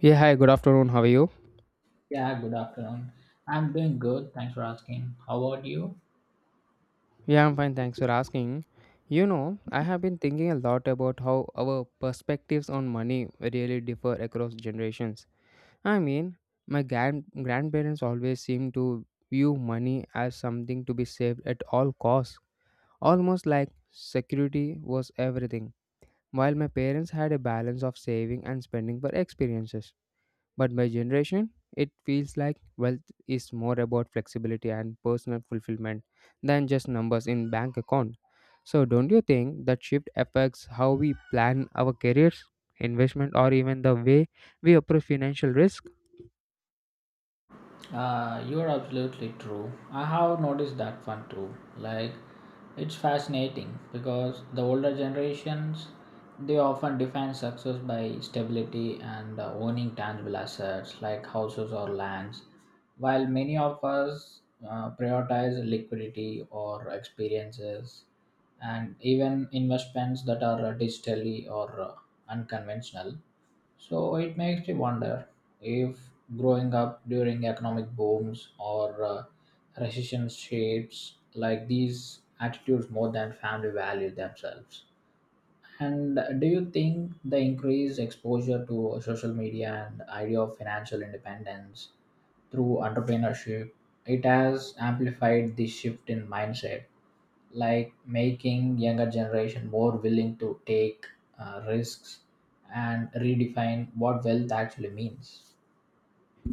Yeah, hi, good afternoon. How are you? Yeah, good afternoon. I'm doing good. Thanks for asking. How about you? Yeah, I'm fine. Thanks for asking. You know, I have been thinking a lot about how our perspectives on money really differ across generations. I mean, my grandparents always seem to view money as something to be saved at all costs, almost like security was everything, while my parents had a balance of saving and spending for experiences. But my generation, it feels like wealth is more about flexibility and personal fulfillment than just numbers in bank account. So don't you think that shift affects how we plan our careers, investment or even the way we approach financial risk? You're absolutely true. I have noticed that one too. Like, it's fascinating because the older generations they often define success by stability and owning tangible assets like houses or lands, while many of us prioritize liquidity or experiences and even investments that are digitally or unconventional. So it makes you wonder if growing up during economic booms or recession shapes like these attitudes more than family value themselves. And do you think the increased exposure to social media and idea of financial independence through entrepreneurship it has amplified this shift in mindset? Like making younger generation more willing to take risks and redefine what wealth actually means.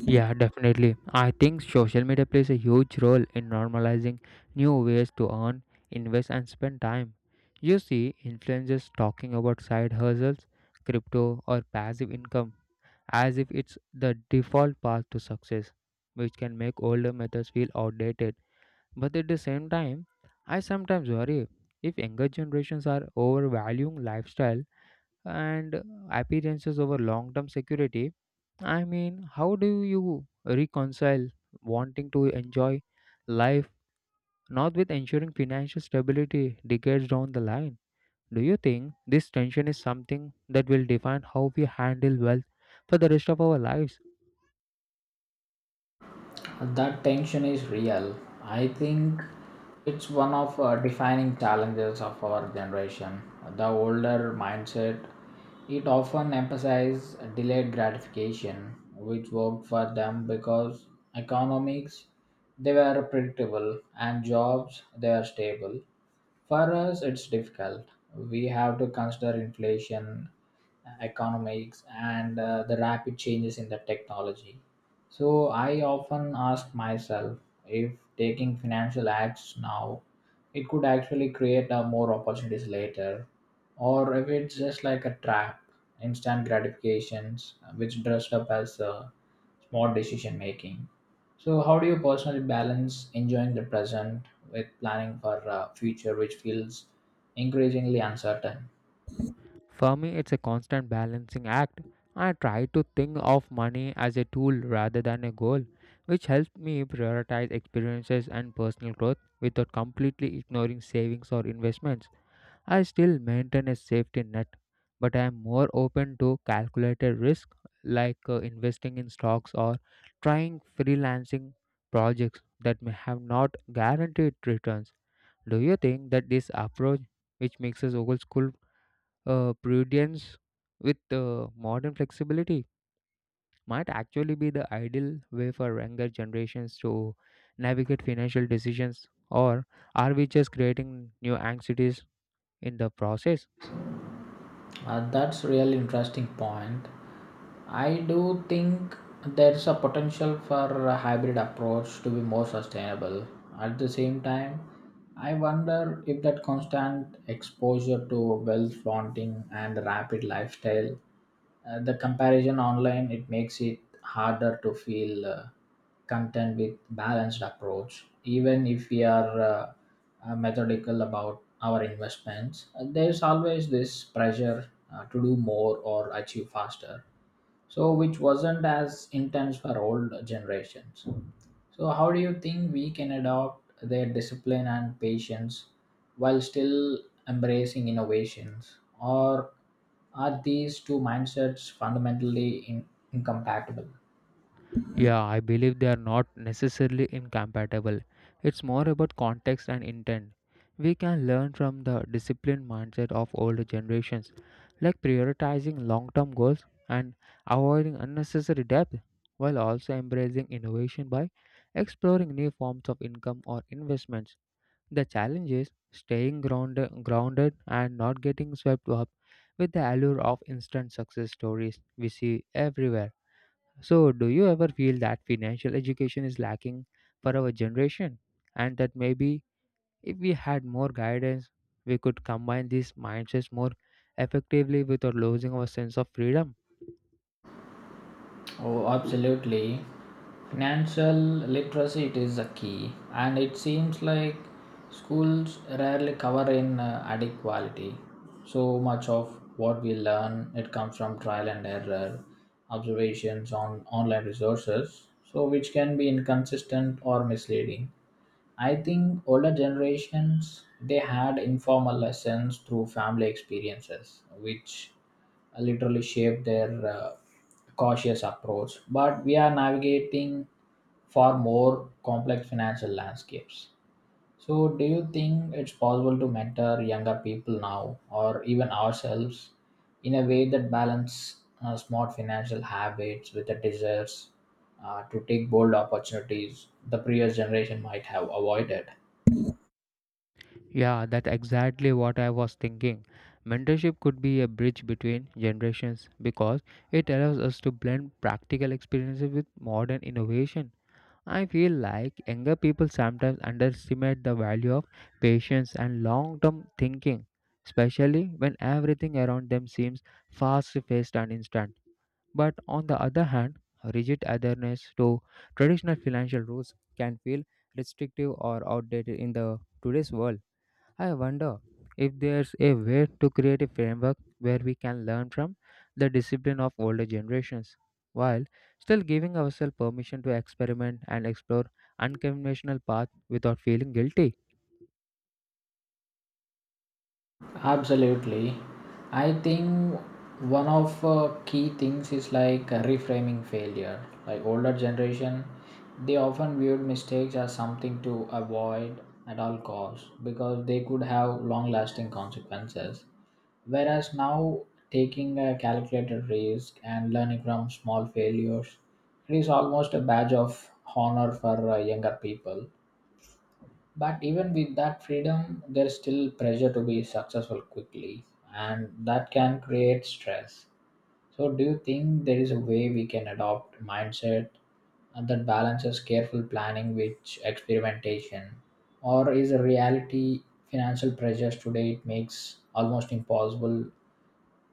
Yeah, definitely. I think social media plays a huge role in normalizing new ways to earn, invest, and spend time. You see influencers talking about side hustles, crypto, or passive income as if it's the default path to success, which can make older methods feel outdated. But at the same time, I sometimes worry if younger generations are overvaluing lifestyle and appearances over long term security. I mean, how do you reconcile wanting to enjoy life not with ensuring financial stability decades down the line? Do you think this tension is something that will define how we handle wealth for the rest of our lives? That tension is real, I think. It's one of defining challenges of our generation. The older mindset it often emphasizes delayed gratification, which worked for them because economics they were predictable and jobs they are stable. For us, it's difficult. We have to consider inflation, economics, and the rapid changes in the technology. So I often ask myself if taking financial acts now, it could actually create more opportunities later, or if it's just like a trap, instant gratifications, which dressed up as smart decision making. So how do you personally balance enjoying the present with planning for a future which feels increasingly uncertain? For me, it's a constant balancing act. I try to think of money as a tool rather than a goal, which helps me prioritize experiences and personal growth without completely ignoring savings or investments. I still maintain a safety net, but I am more open to calculated risk like investing in stocks or trying freelancing projects that may have not guaranteed returns. Do you think that this approach, which mixes old school prudence with modern flexibility, might actually be the ideal way for younger generations to navigate financial decisions? Or are we just creating new anxieties in the process? That's really interesting point. I do think there's a potential for a hybrid approach to be more sustainable. At the same time, I wonder if that constant exposure to wealth flaunting and rapid lifestyle, the comparison online, it makes it harder to feel content with balanced approach. Even if we are methodical about our investments, there's always this pressure to do more or achieve faster, so which wasn't as intense for old generations. So how do you think we can adopt their discipline and patience while still embracing innovations, or are these two mindsets fundamentally incompatible? Yeah, I believe they are not necessarily incompatible. It's more about context and intent. We can learn from the disciplined mindset of older generations, like prioritizing long term goals and avoiding unnecessary debt, while also embracing innovation by exploring new forms of income or investments. The challenge is staying grounded and not getting swept up with the allure of instant success stories we see everywhere. So, do you ever feel that financial education is lacking for our generation? And that maybe if we had more guidance, we could combine these mindsets more effectively without losing our sense of freedom? Oh, absolutely. Financial literacy it is a key, and it seems like schools rarely cover in adequately. So much of what we learn it comes from trial and error, observations on online resources, so which can be inconsistent or misleading. I think older generations they had informal lessons through family experiences, which literally shaped their cautious approach. But we are navigating far more complex financial landscapes. So, do you think it's possible to mentor younger people now, or even ourselves, in a way that balance smart financial habits with the desires to take bold opportunities the previous generation might have avoided? Yeah, that's exactly what I was thinking. Mentorship could be a bridge between generations because it allows us to blend practical experiences with modern innovation. I feel like younger people sometimes underestimate the value of patience and long term thinking, especially when everything around them seems fast paced and instant. But on the other hand, rigid adherence to traditional financial rules can feel restrictive or outdated in the today's world. I wonder if there's a way to create a framework where we can learn from the discipline of older generations while still giving ourselves permission to experiment and explore unconventional paths without feeling guilty. Absolutely. I think one of key things is like reframing failure. Like older generation, they often viewed mistakes as something to avoid at all costs because they could have long-lasting consequences. Whereas now, taking a calculated risk and learning from small failures, it is almost a badge of honor for younger people. But even with that freedom, there's still pressure to be successful quickly, and that can create stress. So, do you think there is a way we can adopt mindset and that balances careful planning with experimentation, or is a reality financial pressures today it makes almost impossible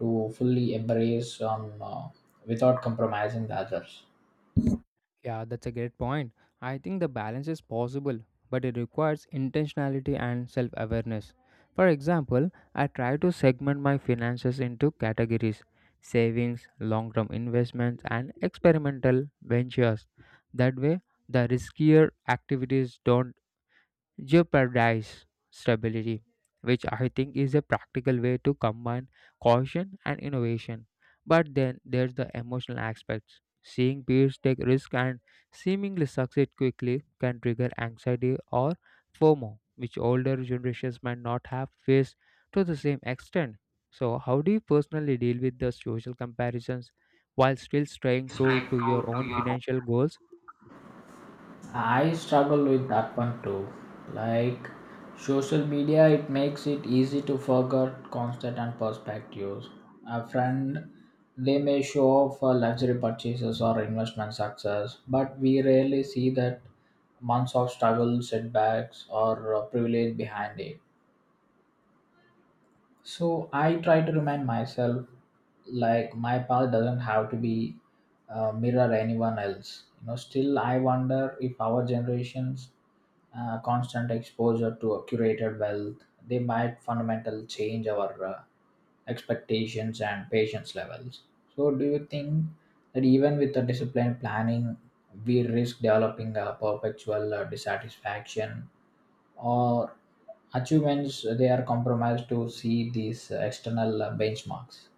to fully embrace on without compromising the others? Yeah, that's a great point. I think the balance is possible, but it requires intentionality and self awareness. For example, I try to segment my finances into categories savings, long term investments, and experimental ventures. That way, the riskier activities don't jeopardize stability, which I think is a practical way to combine caution and innovation. But then there's the emotional aspects. Seeing peers take risks and seemingly succeed quickly can trigger anxiety or FOMO, which older generations might not have faced to the same extent. So, how do you personally deal with the social comparisons while still staying It's true like to true your to own your financial goals? I struggle with that one too. Like social media, it makes it easy to forget constant and perspectives. A friend, they may show off luxury purchases or investment success, but we rarely see that months of struggle, setbacks, or privilege behind it. So I try to remind myself, like my path doesn't have to be mirror anyone else. You know, still I wonder if our generations constant exposure to a curated wealth, they might fundamentally change our expectations and patience levels. So, do you think that even with the disciplined planning, we risk developing a perpetual dissatisfaction or achievements? They are compromised to see these external benchmarks.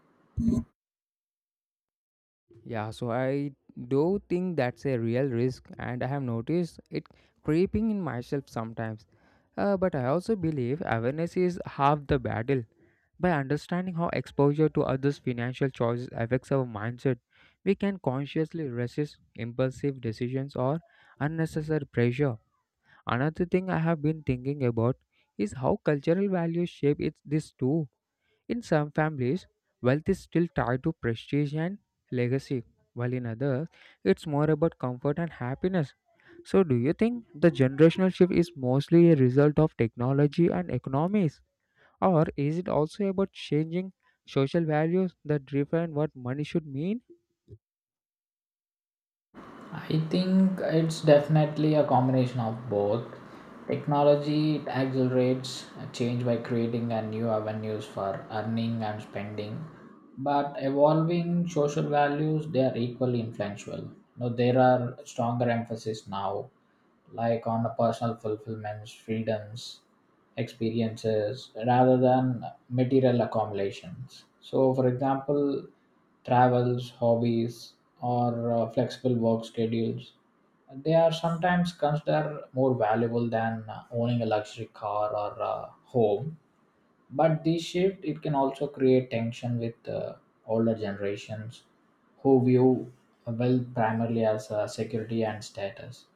Yeah, so I do think that's a real risk, and I have noticed it creeping in myself sometimes. But I also believe awareness is half the battle. By understanding how exposure to others' financial choices affects our mindset, we can consciously resist impulsive decisions or unnecessary pressure. Another thing I have been thinking about is how cultural values shape it's this too. In some families, wealth is still tied to prestige and legacy, while in others, it's more about comfort and happiness. So, do you think the generational shift is mostly a result of technology and economies, or is it also about changing social values that define what money should mean? I think it's definitely a combination of both. Technology it accelerates change by creating a new avenues for earning and spending, but evolving social values they are equally influential. Now there are stronger emphasis now like on the personal fulfillments, freedoms, experiences, rather than material accumulations. So, for example, travels, hobbies, or flexible work schedules, they are sometimes considered more valuable than owning a luxury car or home. But this shift it can also create tension with older generations who view wealth primarily as security and status.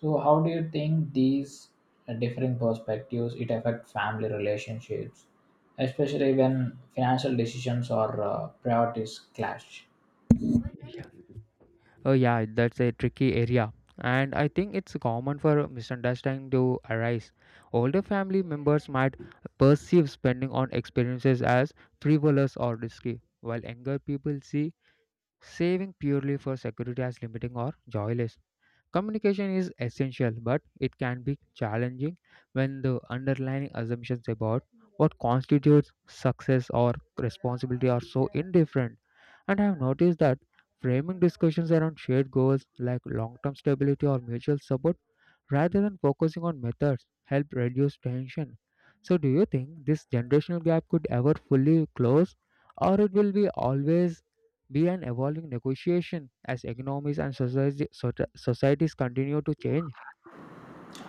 So how do you think these differing perspectives it affect family relationships, especially when financial decisions or priorities clash? Oh yeah, that's a tricky area. And I think it's common for misunderstanding to arise. Older family members might perceive spending on experiences as frivolous or risky, while younger people see saving purely for security as limiting or joyless. Communication is essential, but it can be challenging when the underlying assumptions about what constitutes success or responsibility are so indifferent. And I have noticed that framing discussions around shared goals like long term stability or mutual support rather than focusing on methods help reduce tension. So, do you think this generational gap could ever fully close, or it will be always be an evolving negotiation as economies and society, societies continue to change?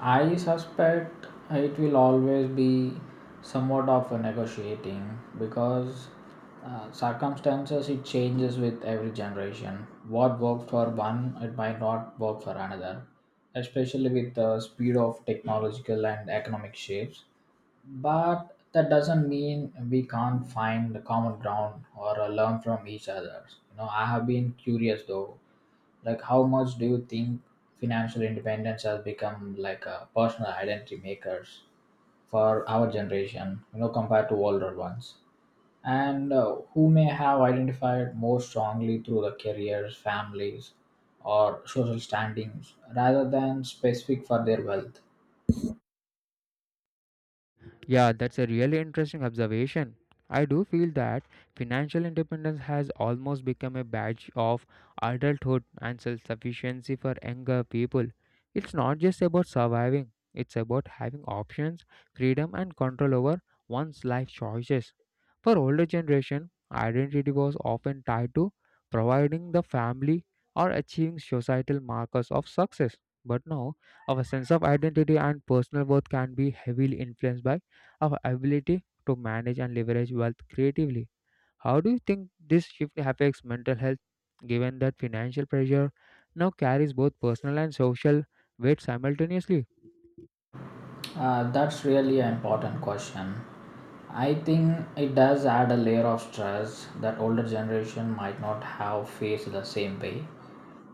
I suspect it will always be somewhat of a negotiating because circumstances it changes with every generation. What worked for one, it might not work for another, especially with the speed of technological and economic shifts. But that doesn't mean we can't find a common ground or learn from each other. You know, I have been curious though, like how much do you think financial independence has become like a personal identity makers for our generation, you know, compared to older ones? And who may have identified more strongly through the careers, families, or social standings rather than specific for their wealth? Yeah, that's a really interesting observation. I do feel that financial independence has almost become a badge of adulthood and self sufficiency for younger people. It's not just about surviving, it's about having options, freedom, and control over one's life choices. For older generation, identity was often tied to providing the family or achieving societal markers of success. But now, our sense of identity and personal worth can be heavily influenced by our ability to manage and leverage wealth creatively. How do you think this shift affects mental health, given that financial pressure now carries both personal and social weight simultaneously? That's really an important question. I think it does add a layer of stress that older generation might not have faced the same way.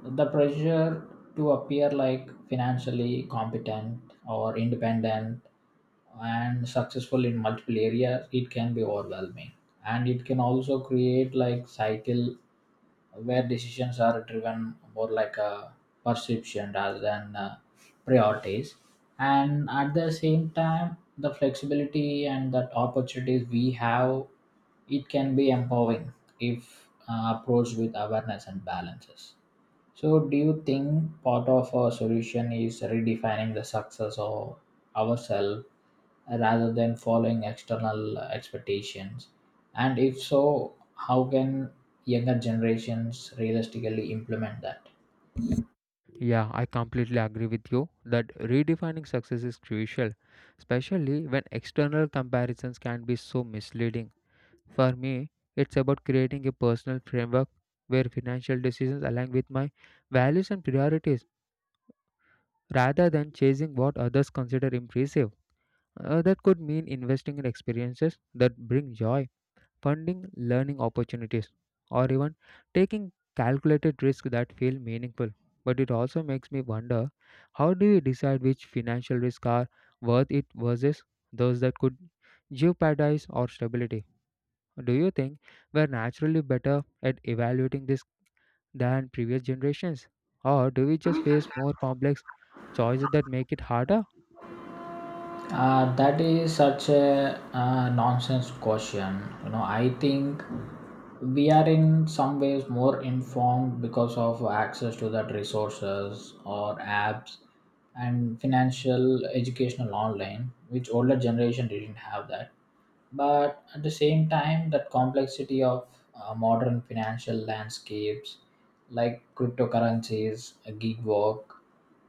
The pressure to appear like financially competent or independent and successful in multiple areas, it can be overwhelming. And it can also create like cycle where decisions are driven more like a perception rather than priorities, and at the same time the flexibility and that opportunities we have it can be empowering if approached with awareness and balances. So, do you think part of our solution is redefining the success of ourselves rather than following external expectations? And if so, how can younger generations realistically implement that? Yeah, I completely agree with you that redefining success is crucial, especially when external comparisons can be so misleading. For me, it's about creating a personal framework where financial decisions align with my values and priorities rather than chasing what others consider impressive. That could mean investing in experiences that bring joy, funding learning opportunities, or even taking calculated risks that feel meaningful. But it also makes me wonder how do we decide which financial risks are worth it versus those that could jeopardize our stability? Do you think we're naturally better at evaluating this than previous generations? Or do we just face more complex choices that make it harder? That is such a nonsense question. You know, I think we are in some ways more informed because of access to that resources or apps and financial educational online, which older generation didn't have that. But at the same time that complexity of modern financial landscapes like cryptocurrencies, gig work,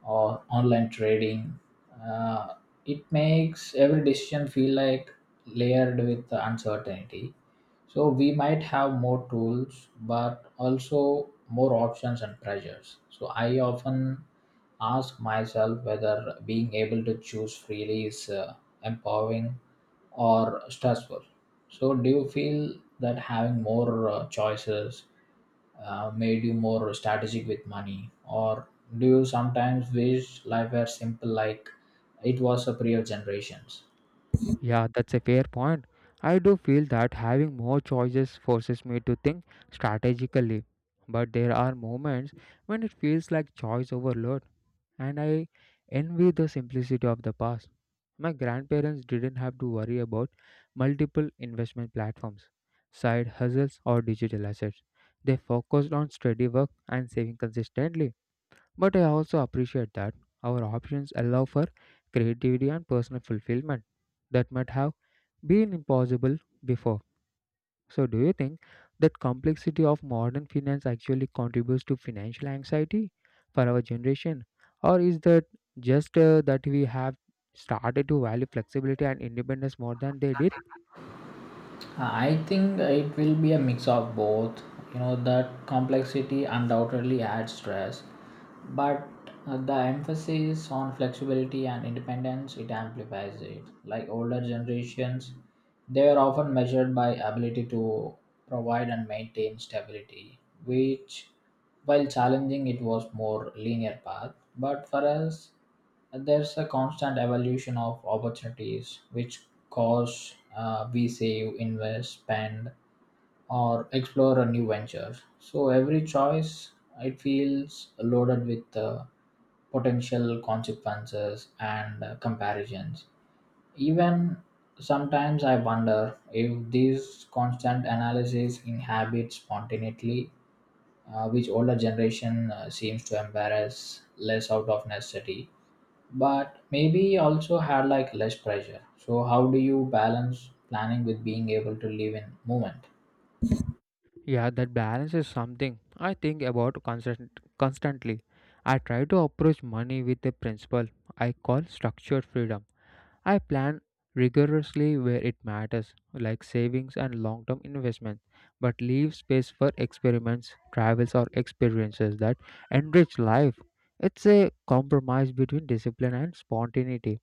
or online trading, uh, it makes every decision feel like layered with uncertainty. So we might have more tools, but also more options and pressures. So I often ask myself whether being able to choose freely is empowering or stressful. So do you feel that having more choices made you more strategic with money, or do you sometimes wish life were simple like it was a prior generations? Yeah, that's a fair point. I do feel that having more choices forces me to think strategically. But there are moments when it feels like choice overload, and I envy the simplicity of the past. My grandparents didn't have to worry about multiple investment platforms, side hustles, or digital assets. They focused on steady work and saving consistently. But I also appreciate that our options allow for creativity and personal fulfillment that might have been impossible before. So, do you think that complexity of modern finance actually contributes to financial anxiety for our generation, or is that just that we have started to value flexibility and independence more than they did? I think it will be a mix of both. You know, that complexity undoubtedly adds stress, but the emphasis on flexibility and independence it amplifies it. Like older generations, they are often measured by ability to provide and maintain stability, which, while challenging, it was more linear path. But for us, there's a constant evolution of opportunities which cost, we save, invest, spend, or explore a new venture. So every choice, it feels loaded with potential consequences and comparisons. Even sometimes I wonder if this constant analysis inhabits spontaneity, which older generation seems to embrace less out of necessity, but maybe you also had like less pressure. So how do you balance planning with being able to live in moment? Yeah, that balance is something I think about constantly. I try to approach money with a principle I call structured freedom. I plan rigorously where it matters, like savings and long term investments, but leave space for experiments, travels, or experiences that enrich life. It's a compromise between discipline and spontaneity.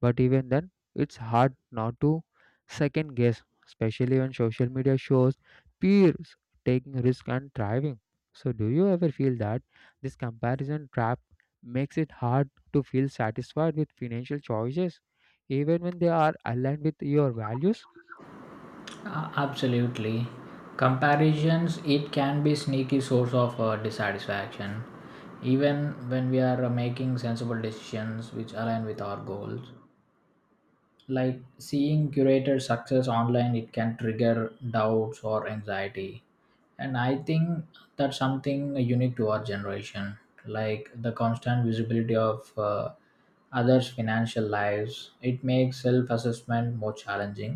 But even then, it's hard not to second guess, especially when social media shows peers taking risks and thriving. So, do you ever feel that this comparison trap makes it hard to feel satisfied with financial choices, even when they are aligned with your values? Absolutely, comparisons it can be sneaky source of dissatisfaction, even when we are making sensible decisions which align with our goals, like seeing curated success online it can trigger doubts or anxiety. And I think that's something unique to our generation, like the constant visibility of others' financial lives. It makes self assessment more challenging.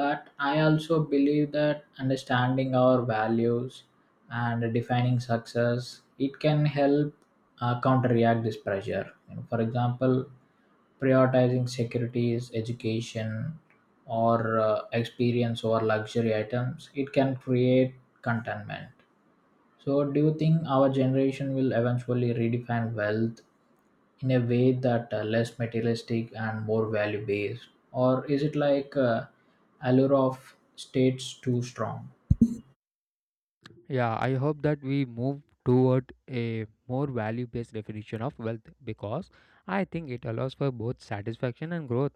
But I also believe that understanding our values and defining success it can help counteract this pressure. You know, for example, prioritizing securities, education, or experience over luxury items, it can create contentment. So, do you think our generation will eventually redefine wealth in a way that less materialistic and more value based, or is it like allure of states too strong? Yeah, I hope that we move toward a more value based definition of wealth because I think it allows for both satisfaction and growth.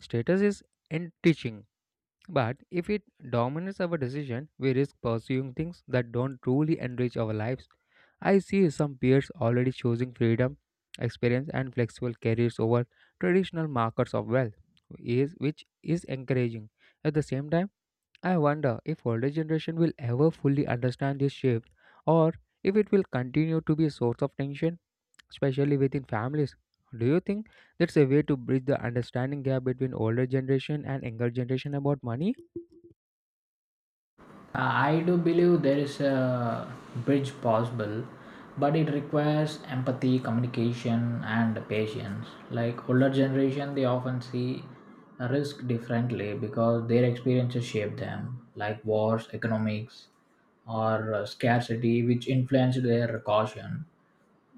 Status is enriching. But if it dominates our decision, we risk pursuing things that don't truly enrich our lives. I see some peers already choosing freedom, experience, and flexible careers over traditional markers of wealth, which is encouraging. At the same time, I wonder if older generation will ever fully understand this shift or if it will continue to be a source of tension especially within families. Do you think that's a way to bridge the understanding gap between older generation and younger generation about money? I do believe there is a bridge possible, but it requires empathy, communication, and patience. Like older generation, they often see a risk differently because their experiences shape them, like wars, economics, or scarcity, which influenced their caution.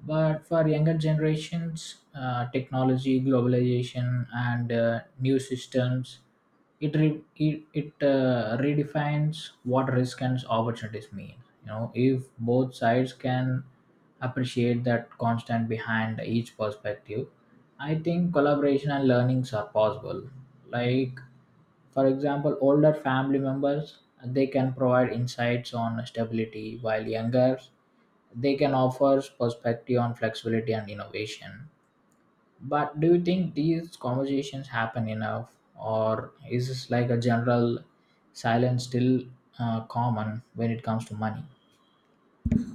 But for younger generations, technology, globalization, and new systems, it redefines what risk and opportunities mean. You know, if both sides can appreciate that constant behind each perspective, I think collaboration and learnings are possible. Like, for example, older family members they can provide insights on stability, while younger they can offer perspective on flexibility and innovation. But do you think these conversations happen enough, or is this like a general silence still common when it comes to money?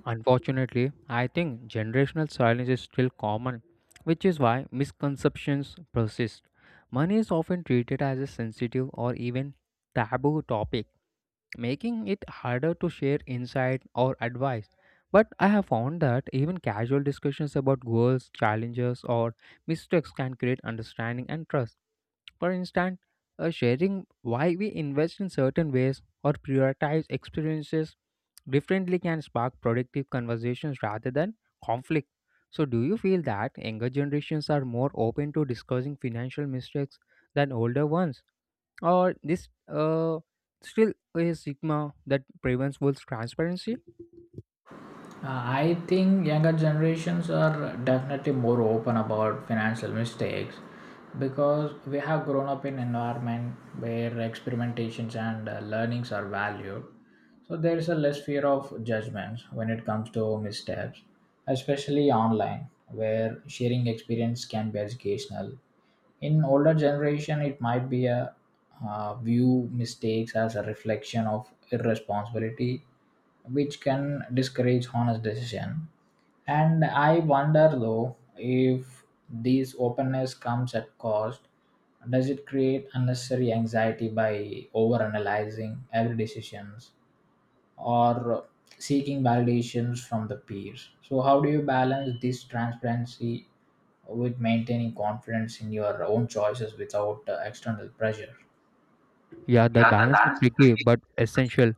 Unfortunately, I think generational silence is still common, which is why misconceptions persist. Money is often treated as a sensitive or even taboo topic, making it harder to share insight or advice. But I have found that even casual discussions about goals, challenges, or mistakes can create understanding and trust. For instance, sharing why we invest in certain ways or prioritize experiences differently can spark productive conversations rather than conflict. So, do you feel that younger generations are more open to discussing financial mistakes than older ones, or this still a stigma that prevents full transparency? I think younger generations are definitely more open about financial mistakes because we have grown up in environment where experimentations and learnings are valued. So there is a less fear of judgments when it comes to missteps, especially online, where sharing experience can be educational. In older generation it might be a view mistakes as a reflection of irresponsibility, which can discourage honest decision. And I wonder though if this openness comes at cost. Does it create unnecessary anxiety by overanalyzing every decisions, or seeking validations from the peers? So how do you balance this transparency with maintaining confidence in your own choices without external pressure? Yeah, that Yeah, the balance is balance between tricky but essential.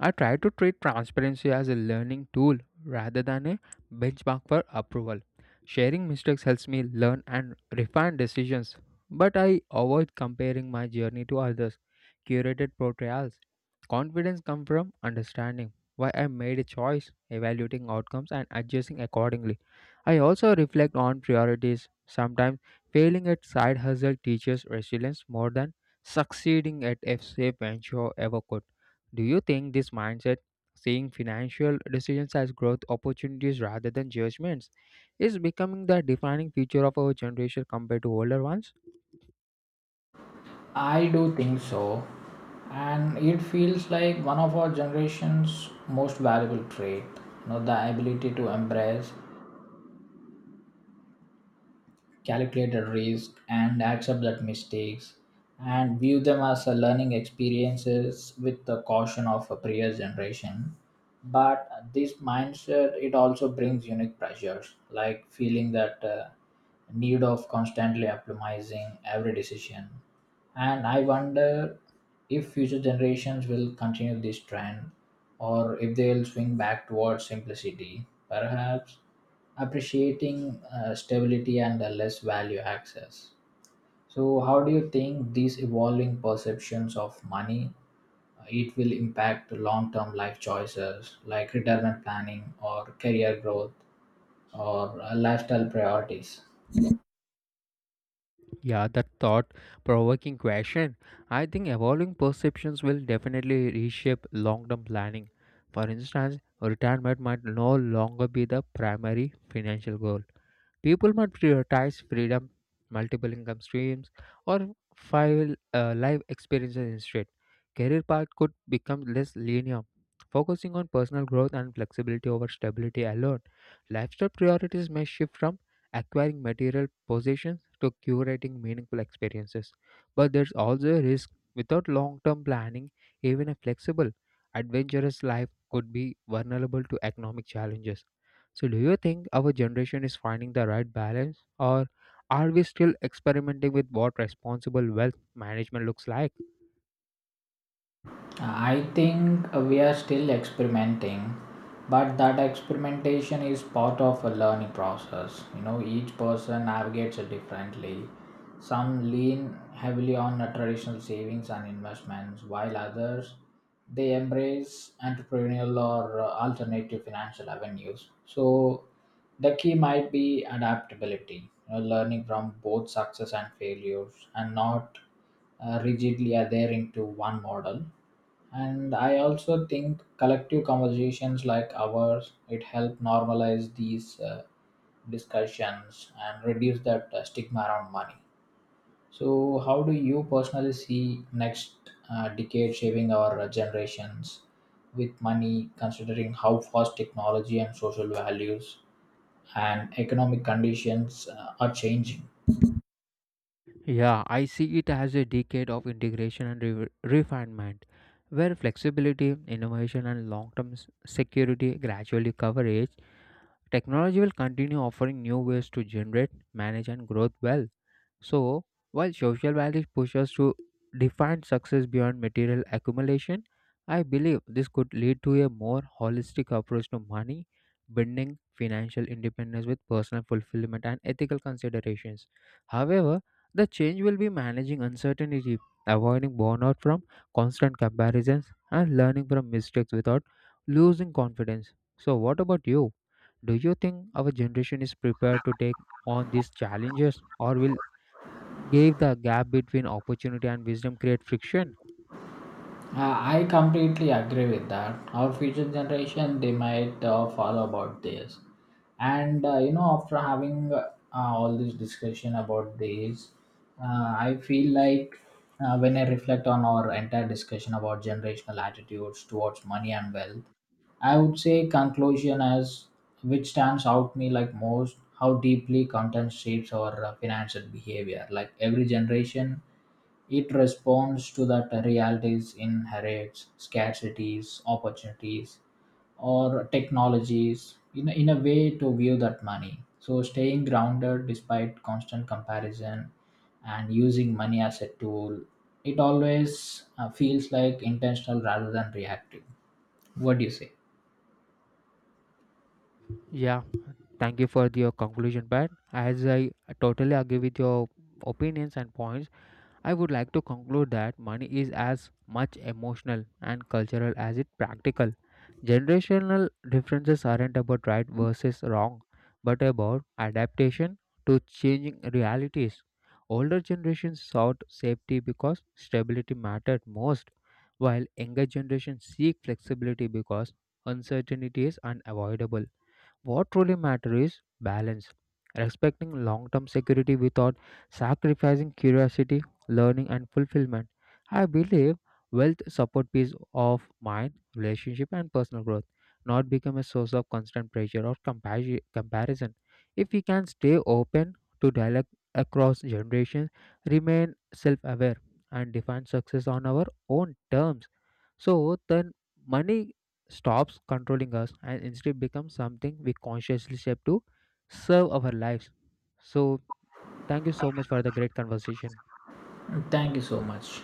I try to treat transparency as a learning tool rather than a benchmark for approval. Sharing mistakes helps me learn and refine decisions, but I avoid comparing my journey to others' curated portrayals. Confidence comes from understanding why I made a choice, evaluating outcomes, and adjusting accordingly. I also reflect on priorities. Sometimes failing at side hustle teaches resilience more than succeeding at a safe venture ever could. Do you think this mindset, seeing financial decisions as growth opportunities rather than judgments, is becoming the defining feature of our generation compared to older ones? I do think so. And it feels like one of our generation's most valuable trait, you know, the ability to embrace calculate the risk and accept that mistakes and view them as a learning experiences with the caution of a previous generation. But this mindset it also brings unique pressures like feeling that need of constantly optimizing every decision. And I wonder if future generations will continue this trend, or if they'll swing back towards simplicity, perhaps appreciating stability and less value access. So, how do you think these evolving perceptions of money it will impact long-term life choices like retirement planning or career growth or lifestyle priorities? Yeah, that thought provoking question. I think evolving perceptions will definitely reshape long term planning. For instance, retirement might no longer be the primary financial goal. People might prioritize freedom, multiple income streams, or five life experiences instead. Career path could become less linear, focusing on personal growth and flexibility over stability alone. Lifestyle priorities may shift from acquiring material possessions to curating meaningful experiences. But there's also a risk without long term planning, even a flexible, adventurous life could be vulnerable to economic challenges. So, do you think our generation is finding the right balance, or are we still experimenting with what responsible wealth management looks like? I think we are still experimenting, but that experimentation is part of a learning process. You know, each person navigates it differently. Some lean heavily on traditional savings and investments, while others they embrace entrepreneurial or alternative financial avenues. So the key might be adaptability, you know, learning from both success and failures, and not rigidly adhering to one model. And I also think collective conversations like ours it help normalize these discussions and reduce that stigma around money. So how do you personally see next decade shaping our generations with money, considering how fast technology and social values and economic conditions are changing? Yeah, I see it as a decade of integration and refinement, where flexibility, innovation, and long term security gradually coverage. Technology will continue offering new ways to generate, manage, and grow wealth. So, while social values push us to define success beyond material accumulation, I believe this could lead to a more holistic approach to money, blending financial independence with personal fulfillment and ethical considerations. However, the change will be managing uncertainty, avoiding burnout from constant comparisons, and learning from mistakes without losing confidence. So, what about you? Do you think our generation is prepared to take on these challenges, or will give the gap between opportunity and wisdom create friction? I completely agree with that. Our future generation, they might follow about this, and you know, after having all this discussion about this, I feel like when I reflect on our entire discussion about generational attitudes towards money and wealth, I would say conclusion as which stands out me like most how deeply content shapes our financial behavior. Like every generation it responds to that realities inherits scarcities, opportunities, or technologies in a way to view that money. So staying grounded despite constant comparison and using money as a tool, it always feels like intentional rather than reactive. What do you say? Yeah, thank you for your conclusion, Pat. As I totally agree with your opinions and points, I would like to conclude that money is as much emotional and cultural as it practical. Generational differences aren't about right versus wrong, but about adaptation to changing realities. Older generations sought safety because stability mattered most, while younger generations seek flexibility because uncertainty is unavoidable. What truly matters is balance, respecting long term security without sacrificing curiosity, learning, and fulfillment. I believe wealth supports peace of mind, relationship, and personal growth, not become a source of constant pressure or comparison. If we can stay open to dialogue across generations, remain self aware, and define success on our own terms, so then money stops controlling us and instead becomes something we consciously shape to serve our lives. So, thank you so much for the great conversation. Thank you so much.